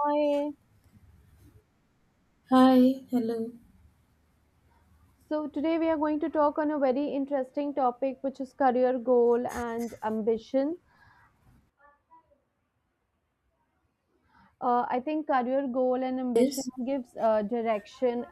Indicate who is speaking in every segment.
Speaker 1: Hi.
Speaker 2: Hi, hello.
Speaker 1: So today we are going to talk on a very interesting topic, which is career goal and ambition. I think career goal and ambition
Speaker 2: Yes.
Speaker 1: gives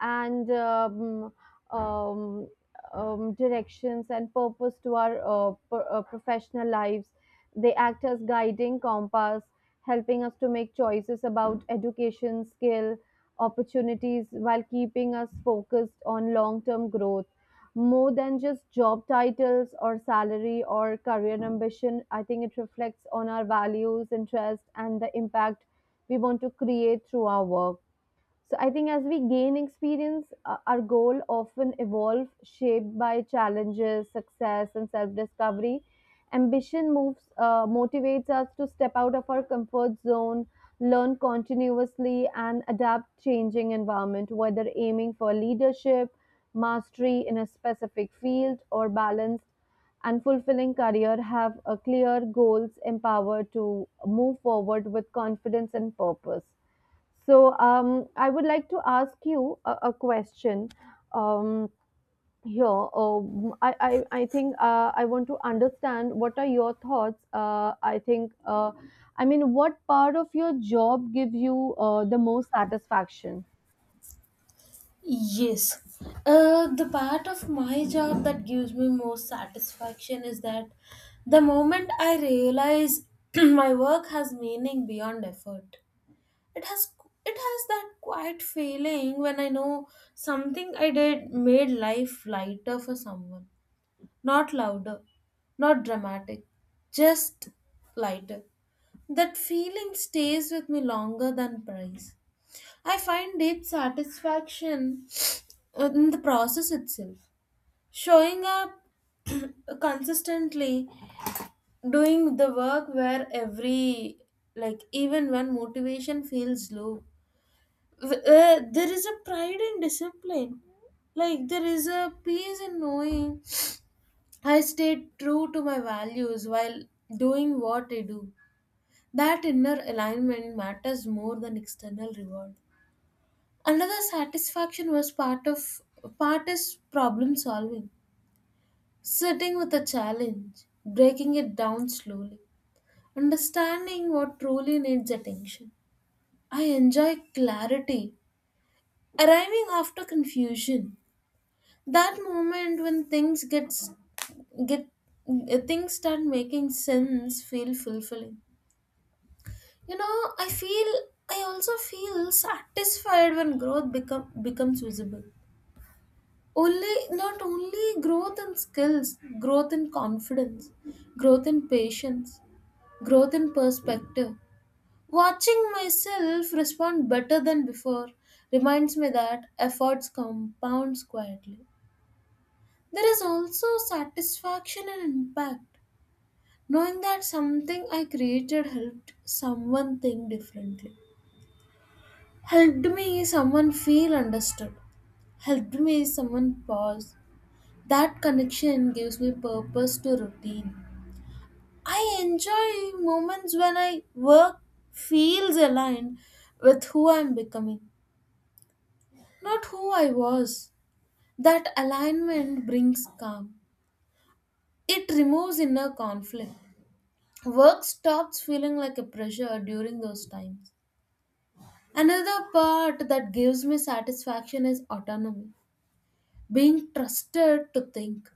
Speaker 1: and um, um, directions and purpose to our professional lives. They act as guiding compass, helping us to make choices about education, skill, opportunities while keeping us focused on long term growth. More than just job titles or salary or career ambition, I think it reflects on our values, interests, and the impact we want to create through our work. So I think as we gain experience, our goal often evolve, shaped by challenges, success, and self-discovery. Ambition motivates us to step out of our comfort zone, learn continuously, and adapt changing environment. Whether aiming for leadership, mastery in a specific field, or balanced and fulfilling career, have a clear goals, empowered to move forward with confidence and purpose. So I would like to ask you a question um, here. I think I want to understand what are your thoughts. I think, I mean, what part of your job gives you the most satisfaction?
Speaker 2: Yes. The part of my job that gives me most satisfaction is that the moment I realize my work has meaning beyond effort. It has it has that quiet feeling when I know something I did made life lighter for someone. Not louder, not dramatic, just lighter. That feeling stays with me longer than praise. I find deep satisfaction in the process itself. Showing up consistently, doing the work where every, like, even when motivation feels low, there is a pride in discipline. Like, there is a peace in knowing I stayed true to my values while doing what I do. That inner alignment matters more than external reward. Another satisfaction was part of part is problem solving, sitting with a challenge, breaking it down slowly, understanding what truly needs attention. I enjoy clarity, arriving after confusion. That moment when things gets get things start making sense feel fulfilling. I feel, I also feel satisfied when growth becomes visible. Only not only growth in skills, growth in confidence, growth in patience, growth in perspective. Watching myself respond better than before reminds me that efforts compounds quietly. There is also satisfaction and impact, knowing that something I created helped someone think differently, helped me someone feel understood, helped me someone pause. That connection gives me purpose to routine. I enjoy moments when I work feels aligned with who I'm becoming, not who I was. That alignment brings calm. It removes inner conflict. Work stops feeling like a pressure during those times. Another part that gives me satisfaction is autonomy. Being trusted to think,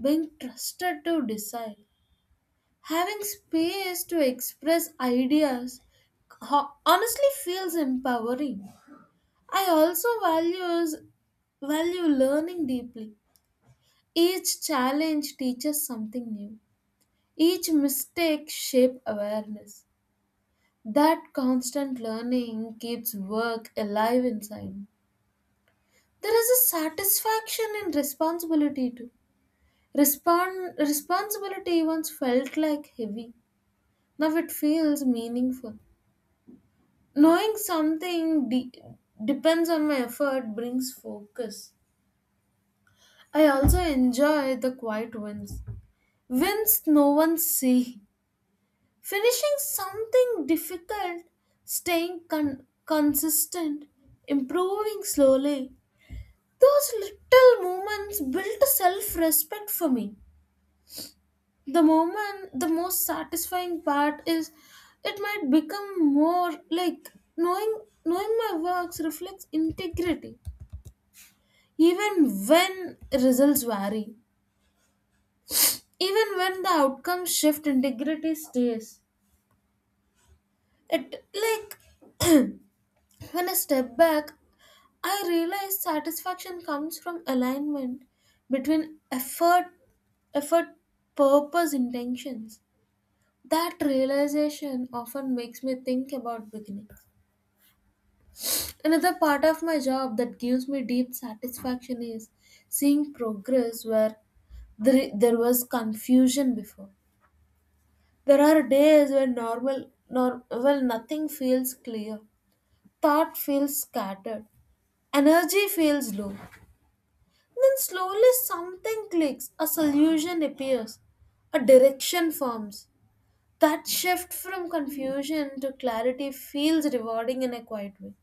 Speaker 2: being trusted to decide, having space to express ideas honestly feels empowering. I also value learning deeply. Each challenge teaches something new. Each mistake shapes awareness. That constant learning keeps work alive inside me. There is a satisfaction in responsibility too. Responsibility once felt like heavy. Now it feels meaningful. Knowing something depends on my effort brings focus. I also enjoy the quiet wins. Wins no one see. Finishing something difficult, staying consistent, improving slowly. Those little moments build self respect for me. The most satisfying part is, it might become more like knowing, knowing my works reflects integrity. Even when results vary, even when the outcomes shift, integrity stays. It like, when I step back, I realize satisfaction comes from alignment between effort, purpose, intentions. That realization often makes me think about beginnings. Another part of my job that gives me deep satisfaction is seeing progress where there was confusion before. There are days when normal, nor, well, nothing feels clear. Thought feels scattered. Energy feels low. Then slowly something clicks. A solution appears. A direction forms. That shift from confusion to clarity feels rewarding in a quiet way.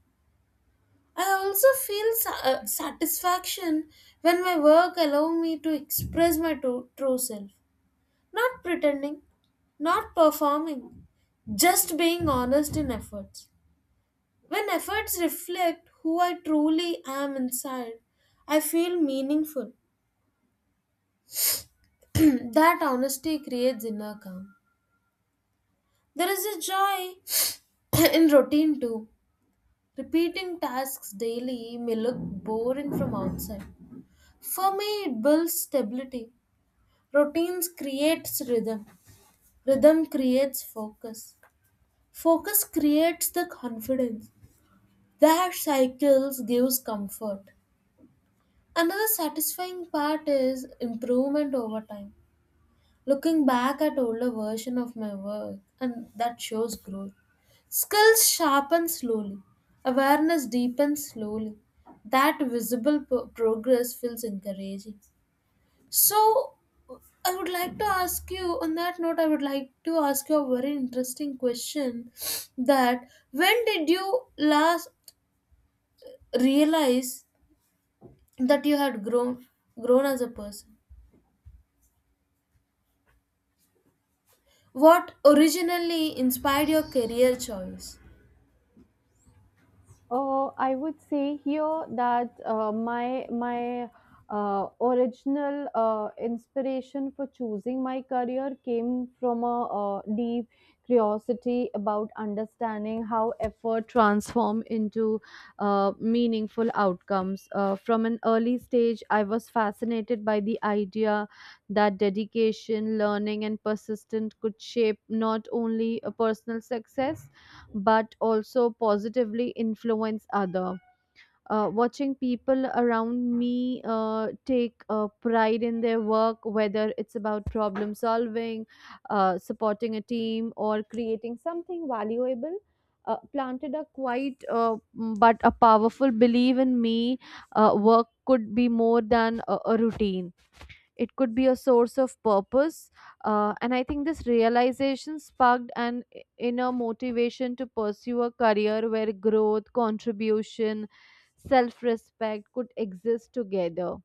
Speaker 2: I also feel satisfaction when my work allows me to express my true self. Not pretending, not performing, just being honest in efforts. When efforts reflect who I truly am inside, I feel meaningful. That honesty creates inner calm. There is a joy in routine too. Repeating tasks daily may look boring from outside. For me, it builds stability. Routines creates rhythm. Rhythm creates focus. Focus creates the confidence. That cycles gives comfort. Another satisfying part is improvement over time. Looking back at older version of my work and that shows growth. Skills sharpen slowly. Awareness deepens slowly. That visible progress feels encouraging. So I would like to ask you on that note I would like to ask you a very interesting question: that when did you last realize that you had grown as a person? What originally inspired your career choice?
Speaker 1: I would say here that my original inspiration for choosing my career came from a deep curiosity about understanding how effort transform into meaningful outcomes. From an early stage, I was fascinated by the idea that dedication, learning, and persistence could shape not only a personal success but also positively influence other. Watching people around me take pride in their work, whether it's about problem solving, supporting a team, or creating something valuable, planted a quite m- but a powerful belief in me. Work could be more than a routine. It could be a source of purpose. And I think this realization sparked an inner motivation to pursue a career where growth, contribution, self-respect could exist together.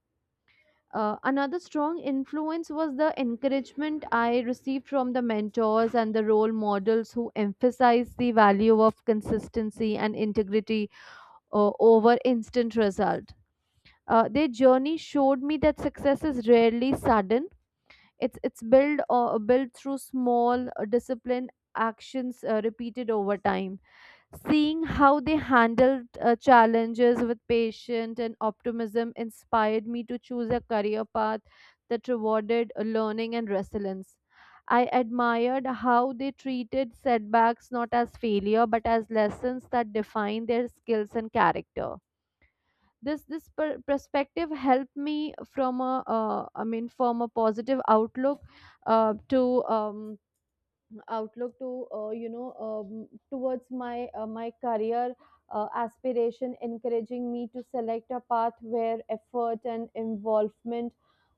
Speaker 1: Another strong influence was the encouragement I received from the mentors and the role models who emphasized the value of consistency and integrity over instant result. Their journey showed me that success is rarely sudden. It's built or Built through small, disciplined actions repeated over time. Seeing how they handled challenges with patience and optimism inspired me to choose a career path that rewarded learning and resilience. I admired how they treated setbacks not as failure but as lessons that define their skills and character. This perspective helped me from a, I mean, from a positive outlook, to um, outlook to you know towards my career aspiration, encouraging me to select a path where effort and involvement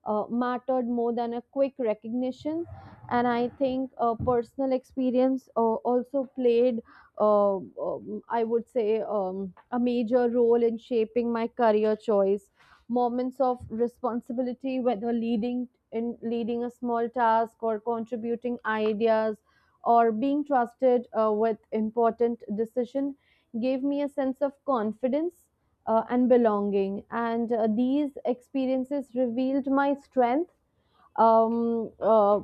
Speaker 1: mattered more than a quick recognition. And I think personal experience also played, I would say, a major role in shaping my career choice. Moments of responsibility, whether leading a small task, or contributing ideas, or being trusted with important decision, gave me a sense of confidence and belonging. And these experiences revealed my strength, um, uh,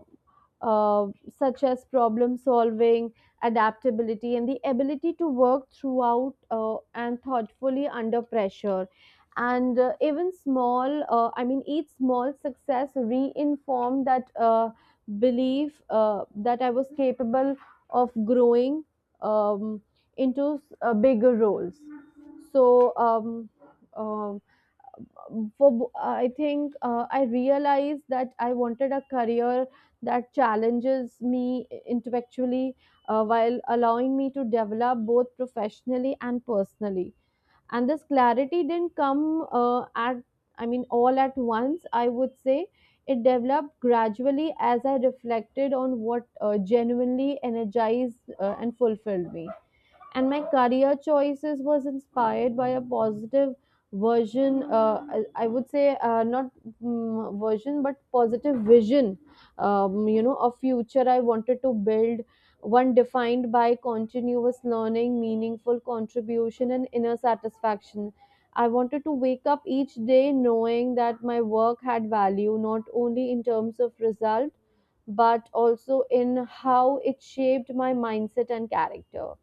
Speaker 1: uh, such as problem solving, adaptability, and the ability to work throughout and thoughtfully under pressure. And I mean, each small success reinformed that, belief that I was capable of growing um, into bigger roles. So, um, for I think I realized that I wanted a career that challenges me intellectually while allowing me to develop both professionally and personally. And this clarity didn't come I mean, all at once, I would say. It developed gradually as I reflected on what genuinely energized and fulfilled me. And my career choices was inspired by a positive version, I would say, not, version, but positive vision, a future I wanted to build, one defined by continuous learning, meaningful contribution, and inner satisfaction. I wanted to wake up each day knowing that my work had value, not only in terms of result, but also in how it shaped my mindset and character.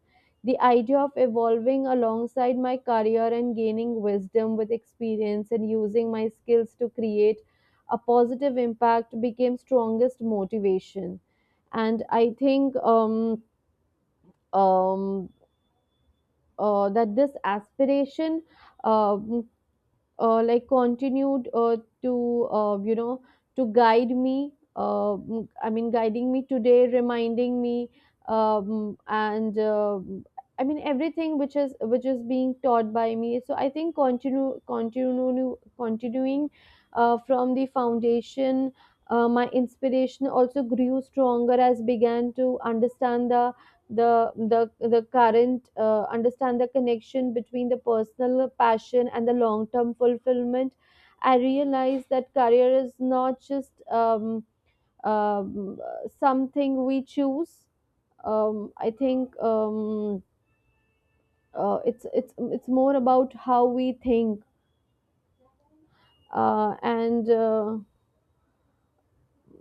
Speaker 1: The idea of evolving alongside my career, and gaining wisdom with experience, and using my skills to create a positive impact became strongest motivation. And I think, um, that this aspiration um, continued to, to guide me, I mean, guiding me today, reminding me, and I mean, everything which is being taught by me. So I think continue continue continuing from the foundation. My inspiration also grew stronger as began to understand the current understand the connection between the personal passion and the long term fulfillment. I realize that career is not just something we choose, I think, it's more about how we think, uh, and uh,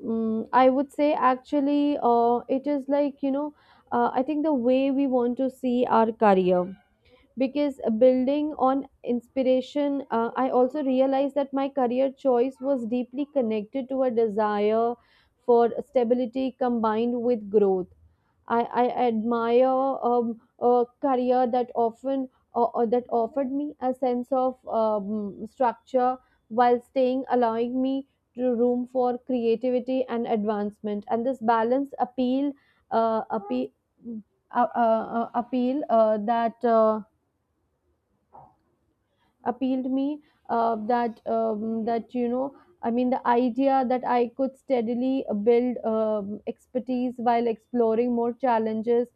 Speaker 1: I would say actually, it is, like, I think, the way we want to see our career. Because building on inspiration, I also realized that my career choice was deeply connected to a desire for stability combined with growth. I admire a career that often that offered me a sense of structure, while staying allowing me to room for creativity and advancement. And this balance appeal appeal appeal that appealed me, that that you know I mean, the idea that I could steadily build expertise while exploring more challenges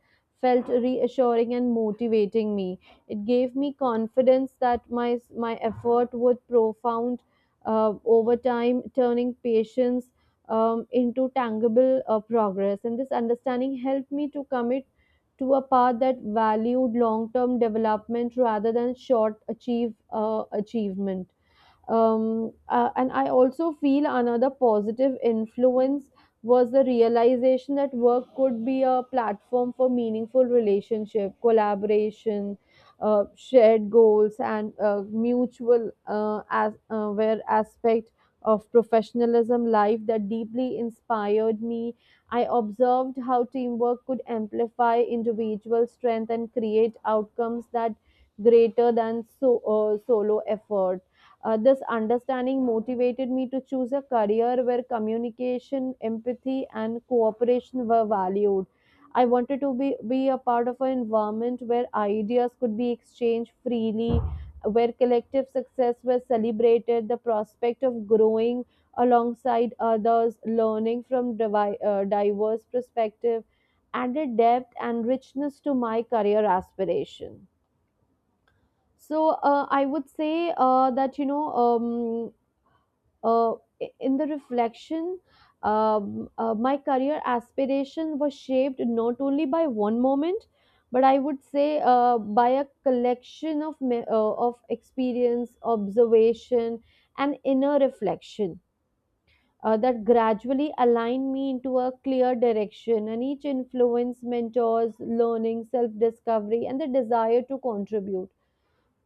Speaker 1: felt reassuring and motivating me. It gave me confidence that my effort would profound over time, turning patience into tangible progress. And this understanding helped me to commit to a path that valued long term development rather than short achievement. And I also feel another positive influence was the realization that work could be a platform for meaningful relationship, collaboration, shared goals, and mutual, where aspect of professionalism life that deeply inspired me. I observed how teamwork could amplify individual strength and create outcomes that greater than solo effort. This understanding motivated me to choose a career where communication, empathy, and cooperation were valued. I wanted to be a part of an environment where ideas could be exchanged freely, where collective success was celebrated. The prospect of growing alongside others, learning from diverse perspective, added depth and richness to my career aspiration. So I would say, that you know uh, I- in the reflection, my career aspiration was shaped not only by one moment, but I would say, by a collection of, of experience, observation, and inner reflection that gradually aligned me into a clear direction. And each influence, mentors, learning, self discovery, and the desire to contribute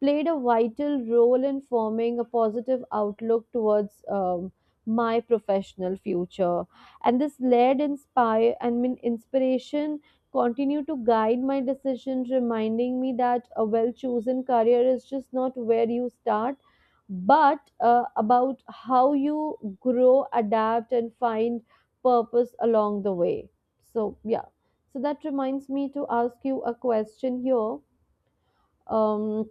Speaker 1: played a vital role in forming a positive outlook towards my professional future. And this led inspire and mean inspiration continue to guide my decisions, reminding me that a well chosen career is just not where you start, but about how you grow, adapt, and find purpose along the way. So yeah, so that reminds me to ask you a question here. um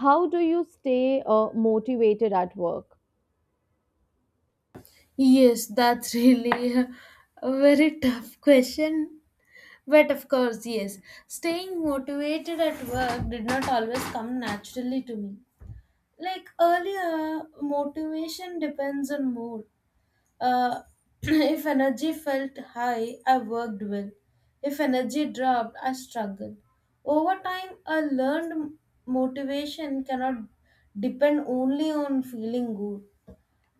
Speaker 1: how do you stay motivated at work?
Speaker 2: Yes, that's really a very tough question, but of course, yes, staying motivated at work did not always come naturally to me. Like, earlier motivation depends on mood. Uh, if energy felt high, I worked well. If energy dropped, I struggled. Over time, I learned motivation cannot depend only on feeling good.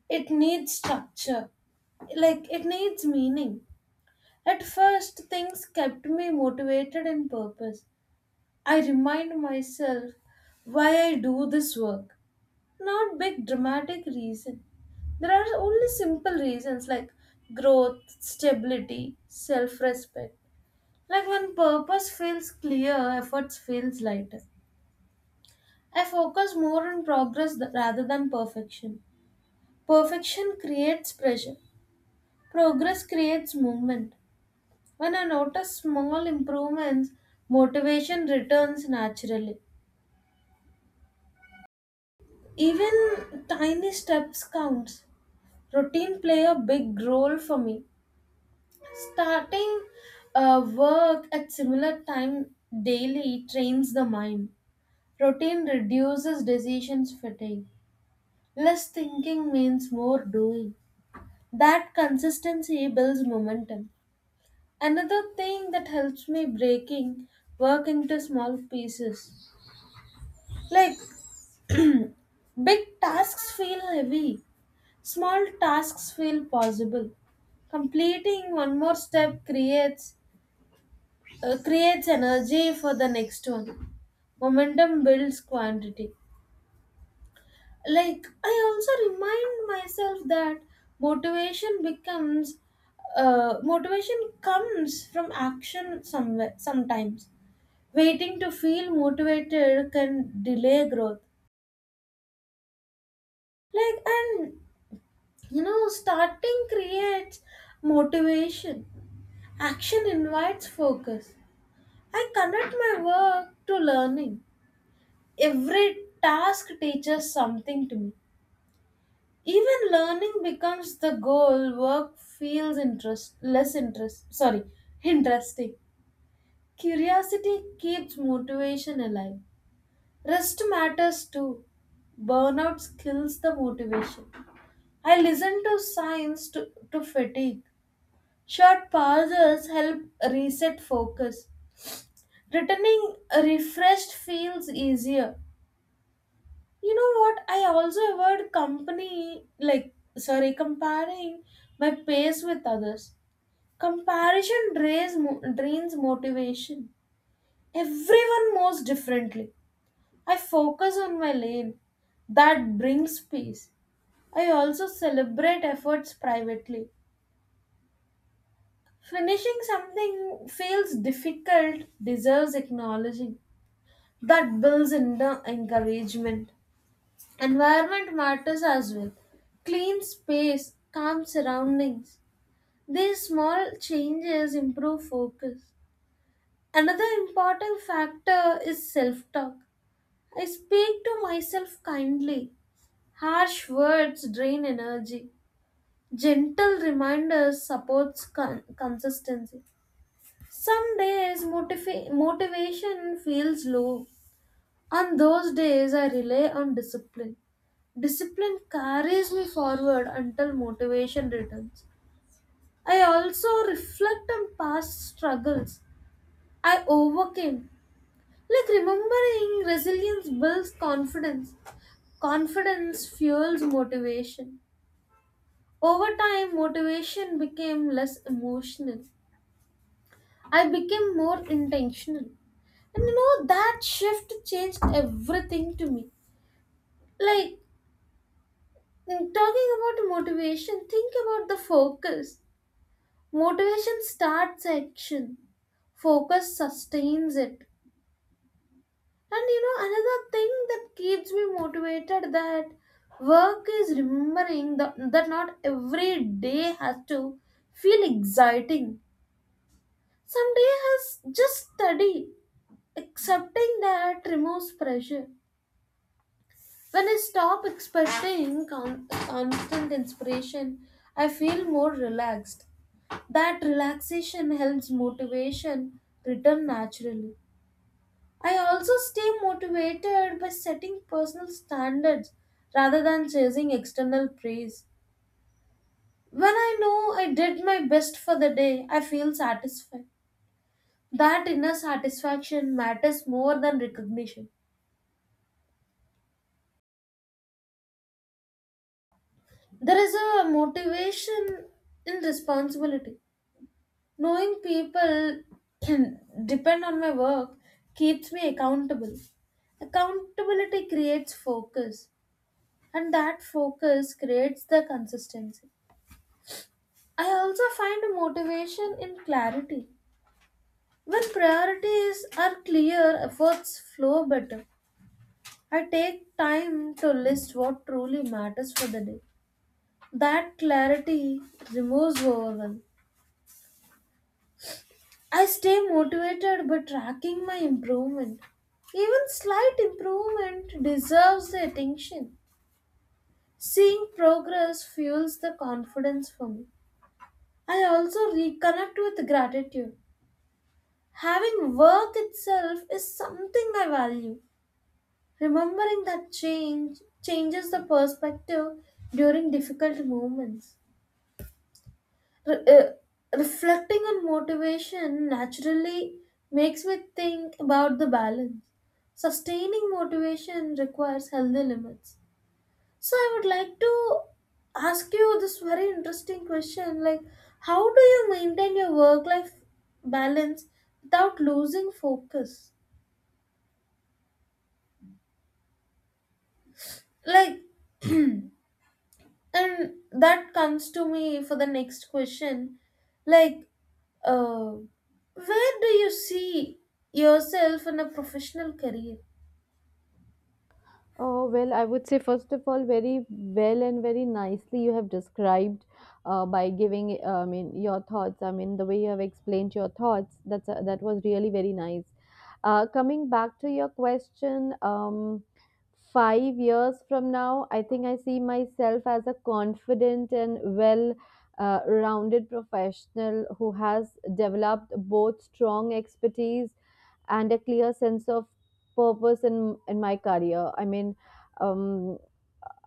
Speaker 2: It needs structure, like it needs meaning. At first, things kept me motivated and purpose. I remind myself why I do this work. Not big dramatic reason. There are only simple reasons like growth, stability, self-respect. Like, when purpose feels clear, efforts feels lighter. I focus more on progress rather than perfection. Perfection creates pressure. Progress creates movement. When I notice small improvements, motivation returns naturally. Even tiny steps counts. Routine play a big role for me. Starting work at similar time daily trains the mind. Routine reduces decisions fatigue. Less thinking means more doing. That consistency builds momentum. Another thing that helps me, breaking work into small pieces. Like, big tasks feel heavy, small tasks feel possible. Completing one more step creates energy for the next one. Momentum builds quantity. Like, I also remind myself that motivation becomes, motivation comes from action somewhere, sometimes. Waiting to feel motivated can delay growth. Like, and you know, starting creates motivation, action invites focus. I connect my work to learning. Every task teaches something to me. Even learning becomes the goal. Work feels interest less interest sorry interesting. Curiosity keeps motivation alive. Rest matters too. Burnout kills the motivation. I listen to signs to fatigue. Short pauses help reset focus. Returning refreshed feels easier. You know what, I also avoid company like sorry comparing my pace with others. Comparison drains, drains motivation. Everyone moves differently. I focus on my lane. That brings peace. I also celebrate efforts privately. Finishing something feels difficult, deserves acknowledging. That builds in the encouragement. Environment matters as well. Clean space, calm surroundings. These small changes improve focus. Another important factor is self talk. I speak to myself kindly. Harsh words drain energy. Gentle reminders supports consistency. Some days motivation feels low. On those days I rely on discipline. Discipline carries me forward until motivation returns. I also reflect on past struggles I overcame. Like, remembering resilience builds confidence. Confidence fuels motivation. Over time, motivation became less emotional. I became more intentional. And you know, that shift changed everything to me. Like, mm, talking about motivation, think about the focus. Motivation starts action, focus sustains it. And you know, another thing that keeps me motivated that work is remembering that not every day has to feel exciting. Some day has just study. Accepting that removes pressure. When I stop expecting constant inspiration, I feel more relaxed. That relaxation helps motivation return naturally. I also stay motivated by setting personal standards rather than chasing external praise. When I know I did my best for the day, I feel satisfied. That inner satisfaction matters more than recognition. There is a motivation in responsibility. Knowing people can depend on my work keeps me accountable. Accountability creates focus, and that focus creates the consistency. I also find a motivation in clarity. When priorities are clear, efforts flow better. I take time to list what truly matters for the day. That clarity removes overwhelm. I stay motivated by tracking my improvement. Even slight improvement deserves the attention. Seeing progress fuels the confidence for me. I also reconnect with gratitude. Having work itself is something I value. Remembering that change changes the perspective during difficult moments. Reflecting on motivation naturally makes me think about the balance. Sustaining motivation requires healthy limits. So I would like to ask you this very interesting question, like, how do you maintain your work life balance without losing focus? Like And that comes to me for the next question. Like, uh, where do you see yourself in a professional career?
Speaker 1: Oh, well, I would say, first of all, very well and very nicely you have described by giving, I mean, your thoughts. I mean, the way you have explained your thoughts, that was really very nice. Coming back to your question, 5 years from now, I think I see myself as a confident and well, rounded professional who has developed both strong expertise and a clear sense of purpose in my career, I mean. um,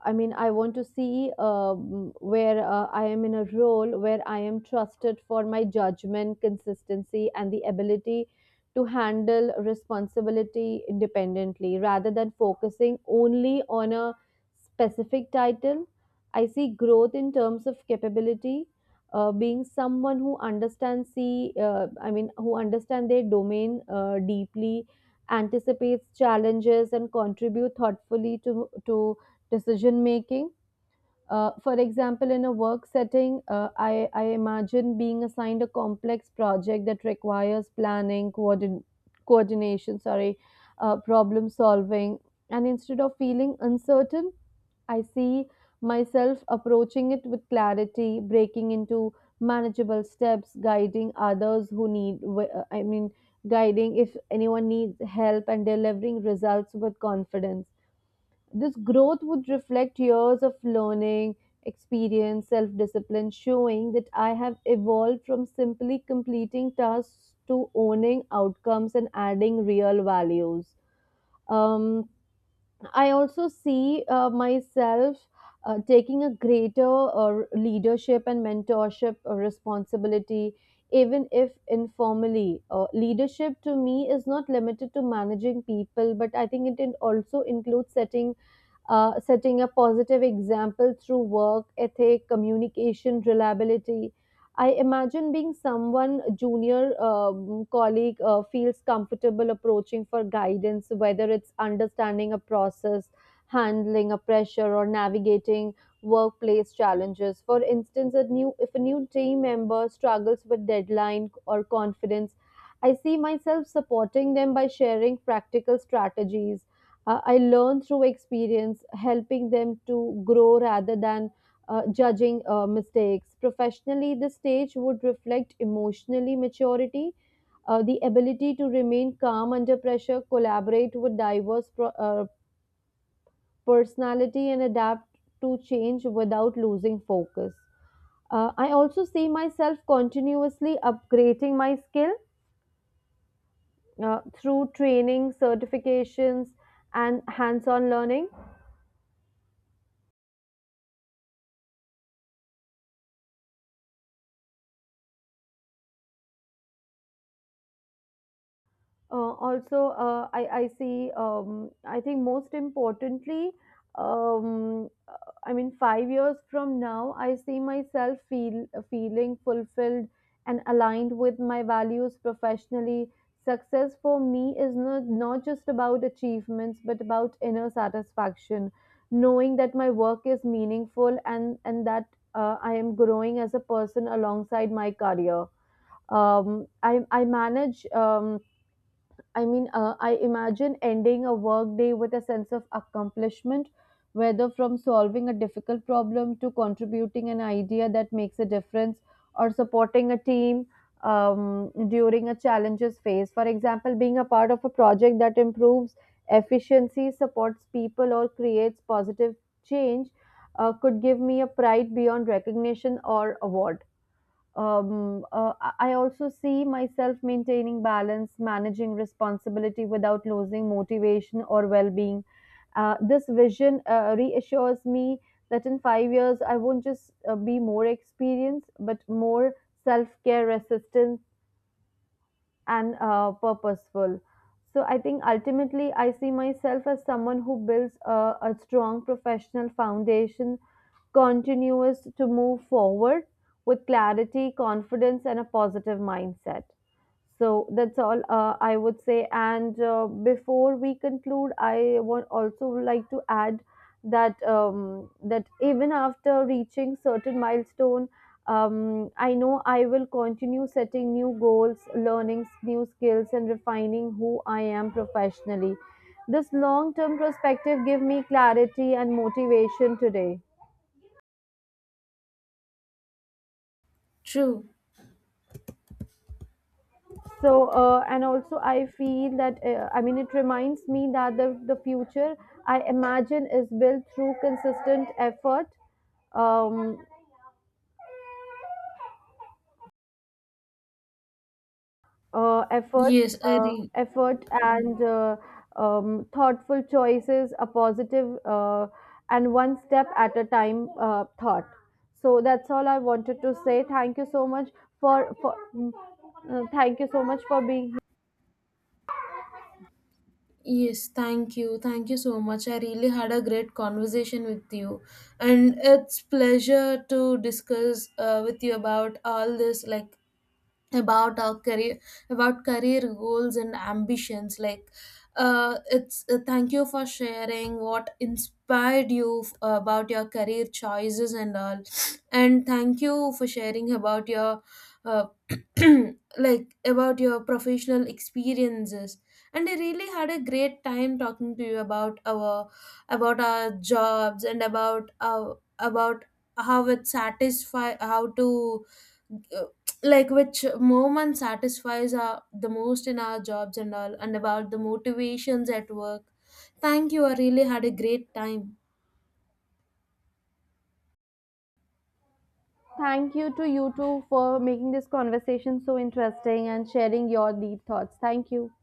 Speaker 1: I mean, I want to see where I am in a role where I am trusted for my judgment, consistency, and the ability to handle responsibility independently rather than focusing only on a specific title. I see growth in terms of capability, being someone who I mean, who understand their domain deeply, anticipates challenges, and contribute thoughtfully to decision making. For example, in a work setting, I imagine being assigned a complex project that requires planning, coordination, sorry, problem solving. And instead of feeling uncertain, I see myself approaching it with clarity, breaking into manageable steps, guiding others who need, I mean, guiding if anyone needs help, and delivering results with confidence. This growth would reflect years of learning, experience, self discipline, showing that I have evolved from simply completing tasks to owning outcomes and adding real values. Um, I also see myself taking a greater leadership and mentorship responsibility, even if informally. Leadership to me is not limited to managing people, but I think it also includes setting a positive example through work ethic, communication, reliability. I imagine being someone junior colleague feels comfortable approaching for guidance, whether it's understanding a process, handling a pressure, or navigating workplace challenges. For instance, a new if a new team member struggles with deadline or confidence, I see myself supporting them by sharing practical strategies I learn through experience, helping them to grow rather than judging mistakes. Professionally, the stage would reflect emotionally maturity, the ability to remain calm under pressure, collaborate with diverse personality, and adapt to change without losing focus. I also see myself continuously upgrading my skill through training, certifications, and hands on learning. Also, I see, I think most importantly, um, I mean, 5 years from now, I see myself feeling fulfilled and aligned with my values professionally. Success for me is not just about achievements, but about inner satisfaction, knowing that my work is meaningful, and that I am growing as a person alongside my career. um, I, I manage um, I mean, I imagine ending a workday with a sense of accomplishment, whether from solving a difficult problem, to contributing an idea that makes a difference, or supporting a team during a challenges phase. For example, being a part of a project that improves efficiency, supports people, or creates positive change could give me a pride beyond recognition or award. I also see myself maintaining balance, managing responsibility without losing motivation or well being. This vision reassures me that in 5 years, I won't just be more experienced, but more self care, resistance, and purposeful. So I think ultimately I see myself as someone who builds a strong professional foundation, continuous to move forward with clarity, confidence, and a positive mindset. So that's all, I would say. And before we conclude, I want also like to add that even after reaching certain milestone, I know I will continue setting new goals, learning new skills, and refining who I am professionally. This long term perspective gives me clarity and motivation today.
Speaker 2: True.
Speaker 1: And also, I feel that I mean, it reminds me that the future I imagine is built through consistent effort, um, uh, effort,
Speaker 2: Yes, I re-
Speaker 1: effort
Speaker 2: Mm.
Speaker 1: and, thoughtful choices, a positive, and one step at a time, thought. So that's all I wanted to say. Thank you so much for for mm, thank you so much for being here.
Speaker 2: Yes, thank you. Thank you so much. I really had a great conversation with you. And it's pleasure to discuss with you about all this, like about our career, about career goals and ambitions. Like it's Thank you for sharing what inspired you about your career choices and all, and thank you for sharing about your uh, like about your professional experiences. And I really had a great time talking to you about our jobs, and about our about how it satisfy, how to, uh, like which moment satisfies our the most in our jobs and all, and about the motivations at work. Thank you, I really had a great time.
Speaker 1: Thank you to you too for making this conversation so interesting and sharing your deep thoughts. Thank you.